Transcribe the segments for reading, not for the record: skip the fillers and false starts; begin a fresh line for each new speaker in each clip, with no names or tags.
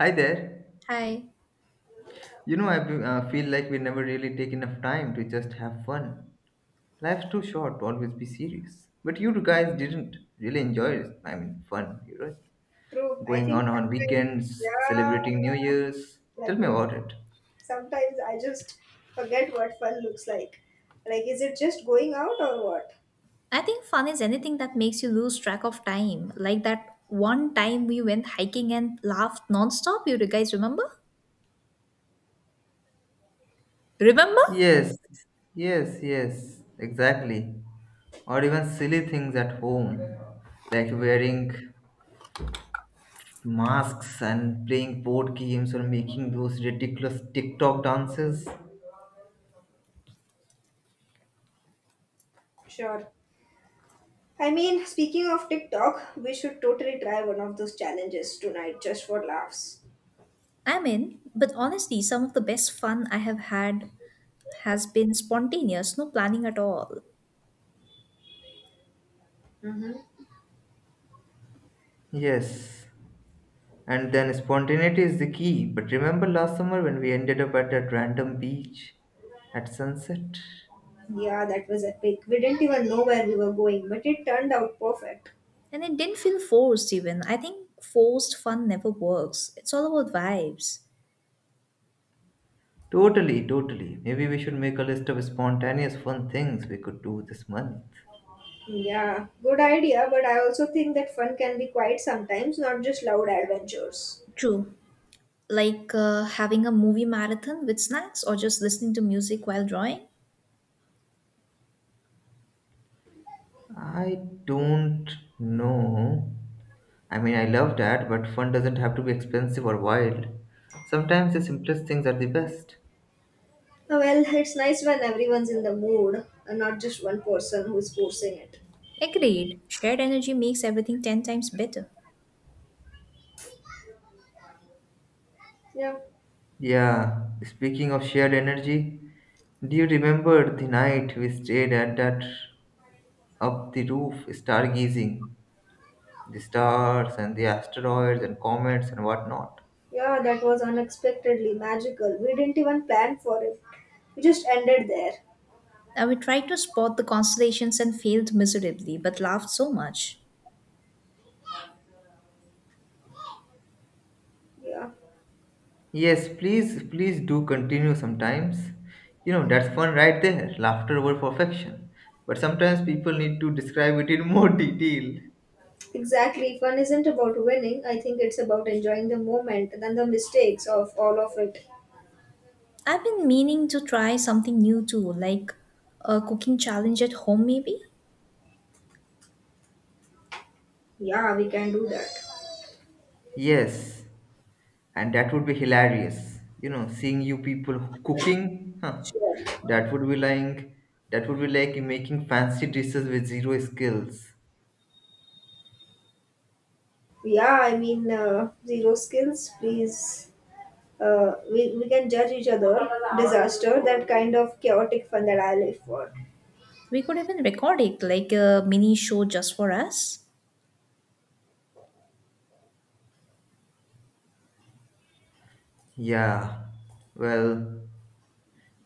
Hi there.
Hi.
Feel like we never really take enough time to just have fun. Life's too short to always be serious. But you guys didn't really enjoy it. Fun, you right?
True. I
Going
think
on
sometimes,
weekends,
yeah,
celebrating New Year's. Tell
like
me
we,
about it.
sometimes I just forget what fun looks like. Like, is it just going out or what?
I think fun is anything that makes you lose track of time. Like that one time we went hiking and laughed nonstop. You guys remember? Remember?
Yes, yes, yes, exactly. Or even silly things at home, like wearing masks and playing board games or making those ridiculous TikTok dances.
Sure. I mean, speaking of TikTok, we should totally try one of those challenges tonight just for laughs.
I mean, but honestly, some of the best fun I have had has been spontaneous, no planning at all.
Yes, and then spontaneity is the key. But remember last summer when we ended up at that random beach at sunset?
Yeah, that was epic. We didn't even know where we were going, but it turned out perfect.
And it didn't feel forced even. I think forced fun never works. It's all about vibes.
Totally, totally. Maybe we should make a list of spontaneous fun things we could do this month.
Yeah, good idea, but I also think that fun can be quiet sometimes, not just loud adventures.
True. Like having a movie marathon with snacks or just listening to music while drawing.
I don't know. I love that, but fun doesn't have to be expensive or wild. Sometimes the simplest things are the best.
Well, it's nice when everyone's in the mood and not just one person who is forcing it.
Agreed. Shared energy makes everything 10 times better.
Yeah.
Yeah, speaking of shared energy, do you remember the night we stayed at that up the roof stargazing? The stars and the asteroids and comets and whatnot.
Yeah, that was unexpectedly magical. We didn't even plan for it. We just ended there.
I would try to spot the constellations and failed miserably, but laughed so much.
Yeah.
Yes, please, please do continue sometimes. You know, that's fun right there. Laughter over perfection. But sometimes people need to describe it in more detail.
Exactly. Fun isn't about winning. I think it's about enjoying the moment and then the mistakes of all of it.
I've been meaning to try something new too, like a cooking challenge at home, maybe?
Yeah, we can do that.
Yes, and that would be hilarious. Seeing you people cooking, huh,
Sure.
that would be like, that would be like making fancy dishes with zero skills.
Yeah, I mean, zero skills, please. We can judge each other. Disaster, that kind of chaotic fun that I live for.
We could even record it like a mini show just for us.
Yeah, well,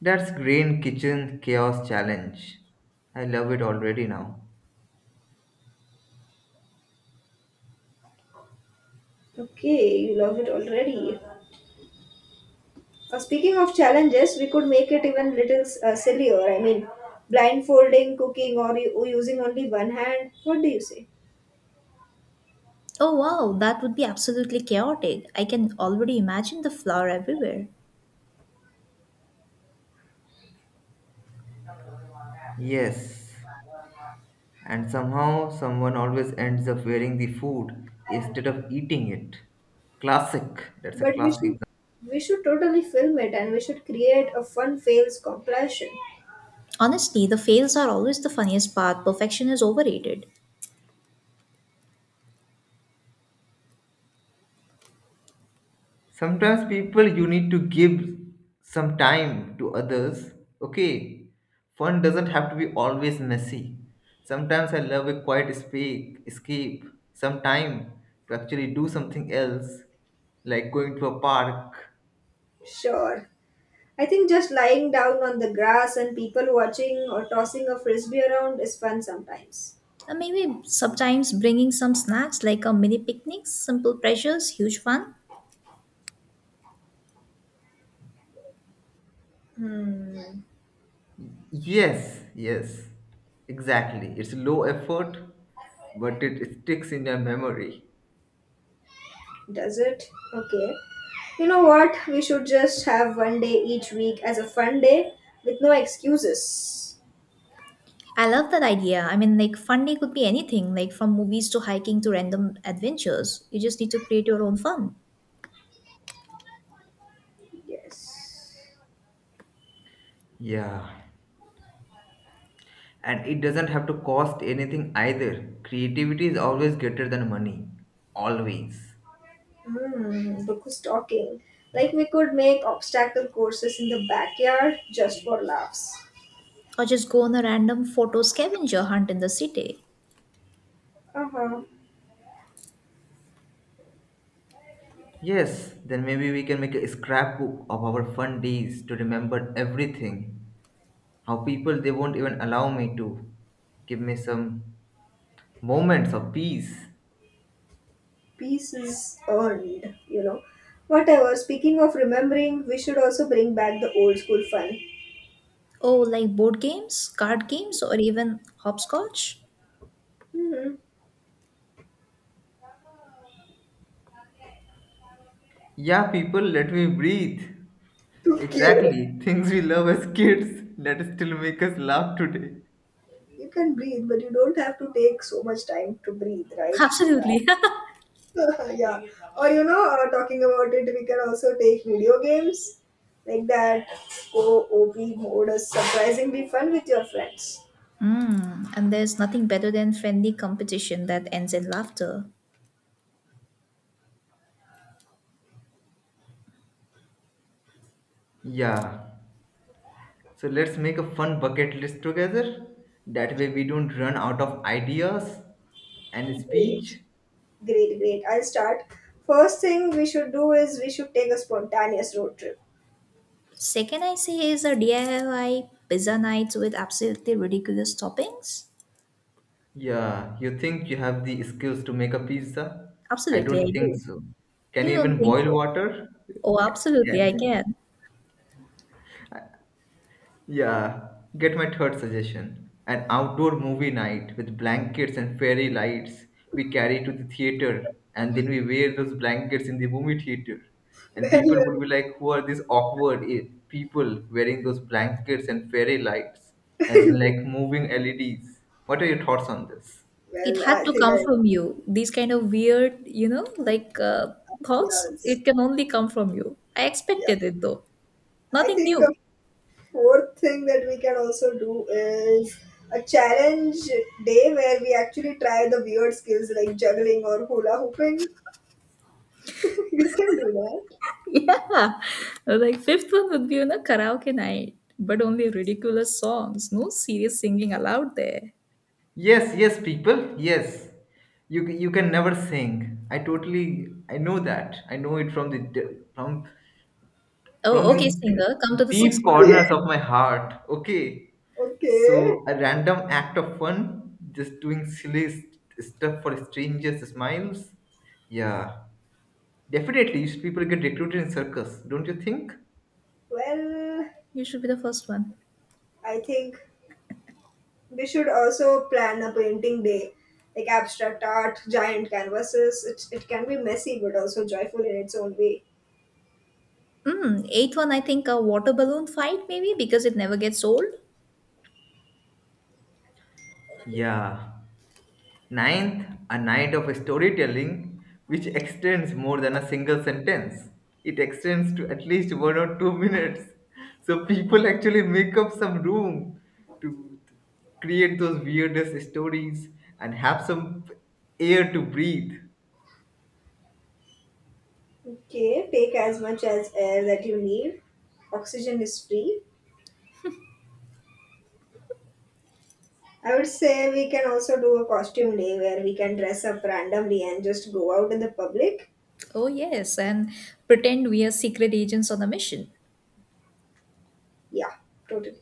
That's Green Kitchen Chaos Challenge. I love it already now.
Okay, you love it already. Speaking of challenges, we could make it even little sillier. I mean, blindfolding, cooking, or using only one hand. What do you say?
Oh wow, that would be absolutely chaotic. I can already imagine the flour everywhere.
Yes, and somehow someone always ends up wearing the food instead of eating it. Classic. That's a
But we
classic
should
example.
We should totally film it, and we should create a fun fails compilation.
Honestly, the fails are always the funniest part. Perfection is overrated.
Sometimes people you need to give some time to others. Okay, fun doesn't have to be always messy. Sometimes I love a quiet space, escape, some time to actually do something else, like going to a park.
Sure. I think just lying down on the grass and people watching or tossing a frisbee around is fun sometimes.
And maybe sometimes bringing some snacks like a mini picnic, simple pleasures, huge fun.
Yes, yes, exactly. It's low effort, but it sticks in your memory.
Does it? Okay. You know what? We should just have one day each week as a fun day with no excuses.
I love that idea. I mean, like, fun day could be anything, like from movies to hiking to random adventures. You just need to create your own fun.
Yes.
Yeah. And it doesn't have to cost anything either. Creativity is always greater than money. Always.
Hmm, book was talking. Like we could make obstacle courses in the backyard just for laughs.
Or just go on a random photo scavenger hunt in the city.
Uh huh.
Yes, then maybe we can make a scrapbook of our fun days to remember everything. How people they won't even allow me to. Give me some moments of peace.
Peace is earned, you know. Whatever. Speaking of remembering, we should also bring back the old school fun.
Oh, like board games, card games, or even hopscotch?
Hmm.
Yeah, people, let me breathe.
Okay.
Exactly. Things we love as kids that still make us laugh today.
You can breathe, but you don't have to take so much time to breathe, right?
Absolutely.
Yeah. Or talking about it, we can also take video games like that. Co-op mode is surprisingly fun with your friends.
Mm, and there's nothing better than friendly competition that ends in laughter.
Yeah. So let's make a fun bucket list together. That way we don't run out of ideas and
Great.
speech.
Great, I'll start. First thing we should do is we should take a spontaneous road trip.
Second, I say is a DIY pizza nights with absolutely ridiculous toppings.
Yeah. You think you have the skills to make a pizza? I
Absolutely, I
don't think
do.
so. Can
You
you
don't
even
think
boil
so?
water?
Oh,
Can,
absolutely, I
can
can.
yeah, get my third suggestion. An outdoor movie night with blankets and fairy lights we carry to the theater, and then we wear those blankets in the movie theater. And
Well,
people would be like, who are these awkward people wearing those blankets and fairy lights? As in like moving LEDs. What are your thoughts on this?
It
well
had
I
to
think
come
I
from you. These kind of weird, like thoughts,
yes,
it can only come from you. I
yeah,
expected it though.
I
Nothing
think
new.
a fourth thing that we can also do is a challenge day where we actually try the weird skills like juggling or hula hooping. You can do that.
Yeah. Like, fifth one would be on a karaoke night, but only ridiculous songs. No serious singing allowed there.
Yes, yes, people, yes. You can never sing. I know that. I know it from the, from
Oh,
the
okay, singer, come to the sixth
deep
one.
Okay.
corners of my heart. Okay.
Okay.
So, a random act of fun, just doing silly stuff for strangers' smiles. Yeah. Definitely, people get recruited in circus, don't you think?
Well,
You should be the first one.
I think we should also plan a painting day, like abstract art, giant canvases. It can be messy but also joyful in its own way.
Mm, eighth one, I think a water balloon fight, maybe because it never gets old.
Yeah. Ninth, a night of storytelling which extends more than a single sentence. It extends to at least 1 or 2 minutes. So people actually make up some room to create those weirdest stories and have some air to breathe.
Okay, take as much as air that you need. Oxygen is free. I would say we can also do a costume day where we can dress up randomly and just go out in the public.
Oh, yes. And pretend we are secret agents on a mission.
Yeah, totally.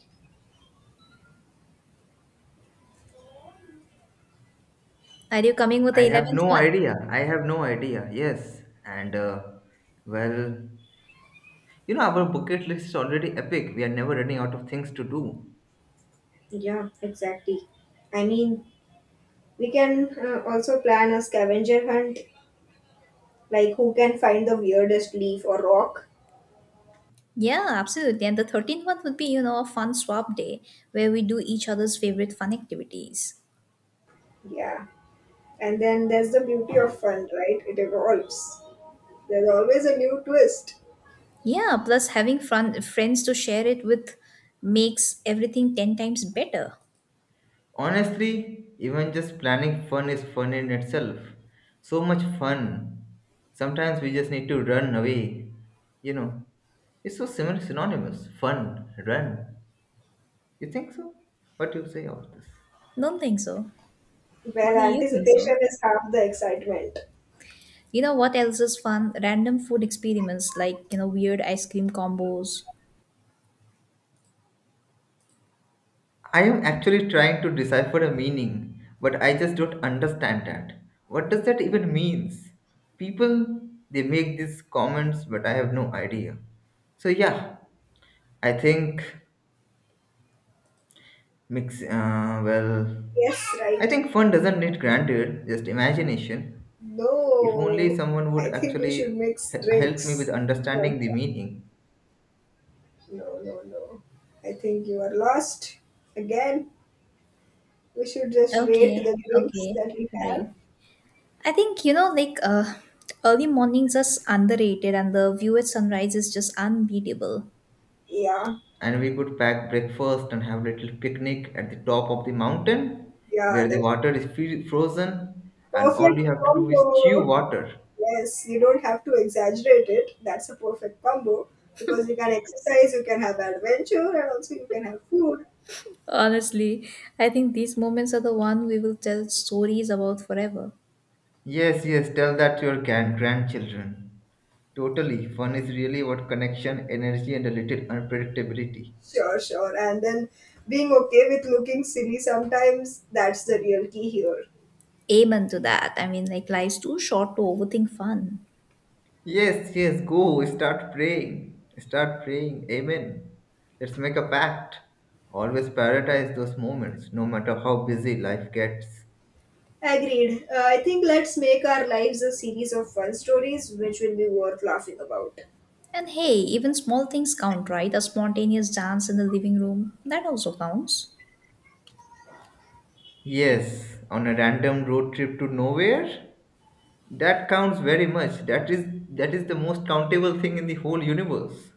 Are you coming with
I
the
have
11th
no
one?
idea. I have no idea. Yes. Well, you know, our bucket list is already epic. We are never running out of things to do.
Yeah, exactly. I mean, we can also plan a scavenger hunt, like who can find the weirdest leaf or rock.
Yeah, absolutely. And the 13th one would be, a fun swap day where we do each other's favorite fun activities.
Yeah. And then there's the beauty of fun, right? It evolves. There's always a new twist.
Yeah, plus having fun friends to share it with makes everything 10 times better.
Honestly, even just planning fun is fun in itself. So much fun. Sometimes we just need to run away. You know, it's so similar, synonymous. Fun, run. You think so? What do you say about this?
Don't think so.
Well,
Only you think so.
anticipation is half the excitement.
You know what else is fun? Random food experiments like, weird ice cream combos.
I am actually trying to decipher a meaning, but I just don't understand that. What does that even means? People they make these comments, but I have no idea. So yeah, I think Mix, uh, well,
Yes,
I
right.
think fun doesn't need granted, just imagination. If only
No.
someone would
I think we should
actually
mix
help me with
drinks. No,
understanding the meaning,
no, no. no. I think you are lost. Again, we should just rate
Okay,
the drinks
okay,
that we
right.
have.
I think like early mornings are underrated, and the view at sunrise is just unbeatable.
Yeah,
and we could pack breakfast and have a little picnic at the top of the mountain
yeah,
where the
that
water is frozen, and all you
perfect
have to do is chew
combo.
water.
Yes, you don't have to exaggerate it. That's a perfect combo because you can exercise, you can have adventure, and also you can have food.
Honestly, I think these moments are the one we will tell stories about forever.
Yes, yes, tell that to your grandchildren. Totally, fun is really about connection, energy, and a little unpredictability.
Sure, sure. And then being okay with looking silly sometimes, that's the real key here.
Amen to that. I mean, like life's too short to overthink fun.
Yes, yes, go start praying. Start praying. Amen. Let's make a pact. Always prioritize those moments, no matter how busy life gets.
Agreed. I think let's make our lives a series of fun stories which will be worth laughing about.
And hey, even small things count, right? A spontaneous dance in the living room that also counts.
Yes, on a random road trip to nowhere, that counts very much. That is, that is the most countable thing in the whole universe.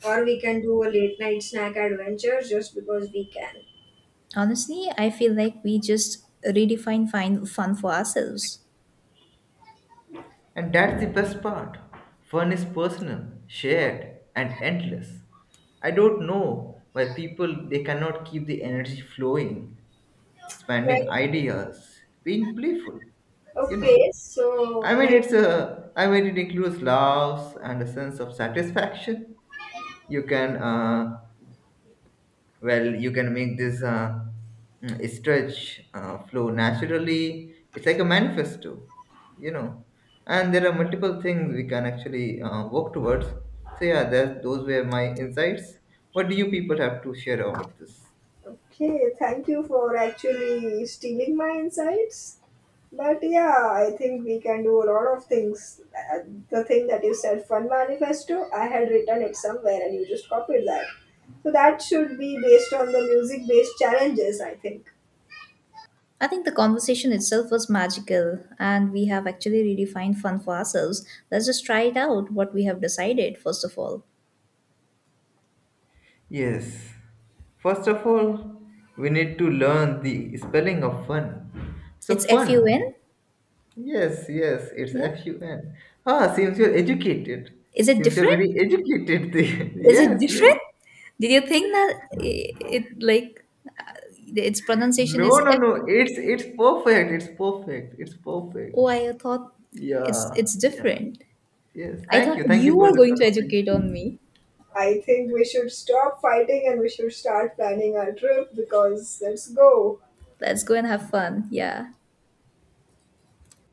Or we can do a late night snack adventure just because we can.
Honestly, I feel like we just redefine fine fun for ourselves.
And that's the best part. Fun is personal, shared, and endless. I don't know why people they cannot keep the energy flowing, expanding
Well,
ideas, being playful. You know,
okay, so like
it includes laughs and a sense of satisfaction. You can, uh, you can make this stretch, flow naturally. It's like a manifesto, you know. And there are multiple things we can actually work towards. So yeah, those were my insights. What do you people have to share about this?
Okay, thank you for actually stealing my insights. But yeah, I think we can do a lot of things. The thing that you said, fun manifesto, I had written it somewhere and you just copied that. So that should be based on the music based challenges, I think.
I think the conversation itself was magical, and we have actually redefined fun for ourselves. Let's just try it out what we have decided, first of all.
Yes. First of all, we need to learn the spelling of fun.
It's
So fun.
FUN?
Yes, yes, it's
Yeah.
F-U-N. Ah, seems you're educated.
Is it
Seems you're
different?
very educated. There.
Is it
Yes, yes.
different? Did you think that it, like, uh, its pronunciation
No,
is
no,
F?
no. It's perfect. It's perfect. It's
Oh,
perfect.
I thought it's
Yeah,
it's
yeah.
different.
Yes.
I
Thank
thought
you. Thank you
you
for
were
this
going to educate on
conversation.
me.
I think we should stop fighting and we should start planning our trip because let's go.
Let's go and have fun. Yeah.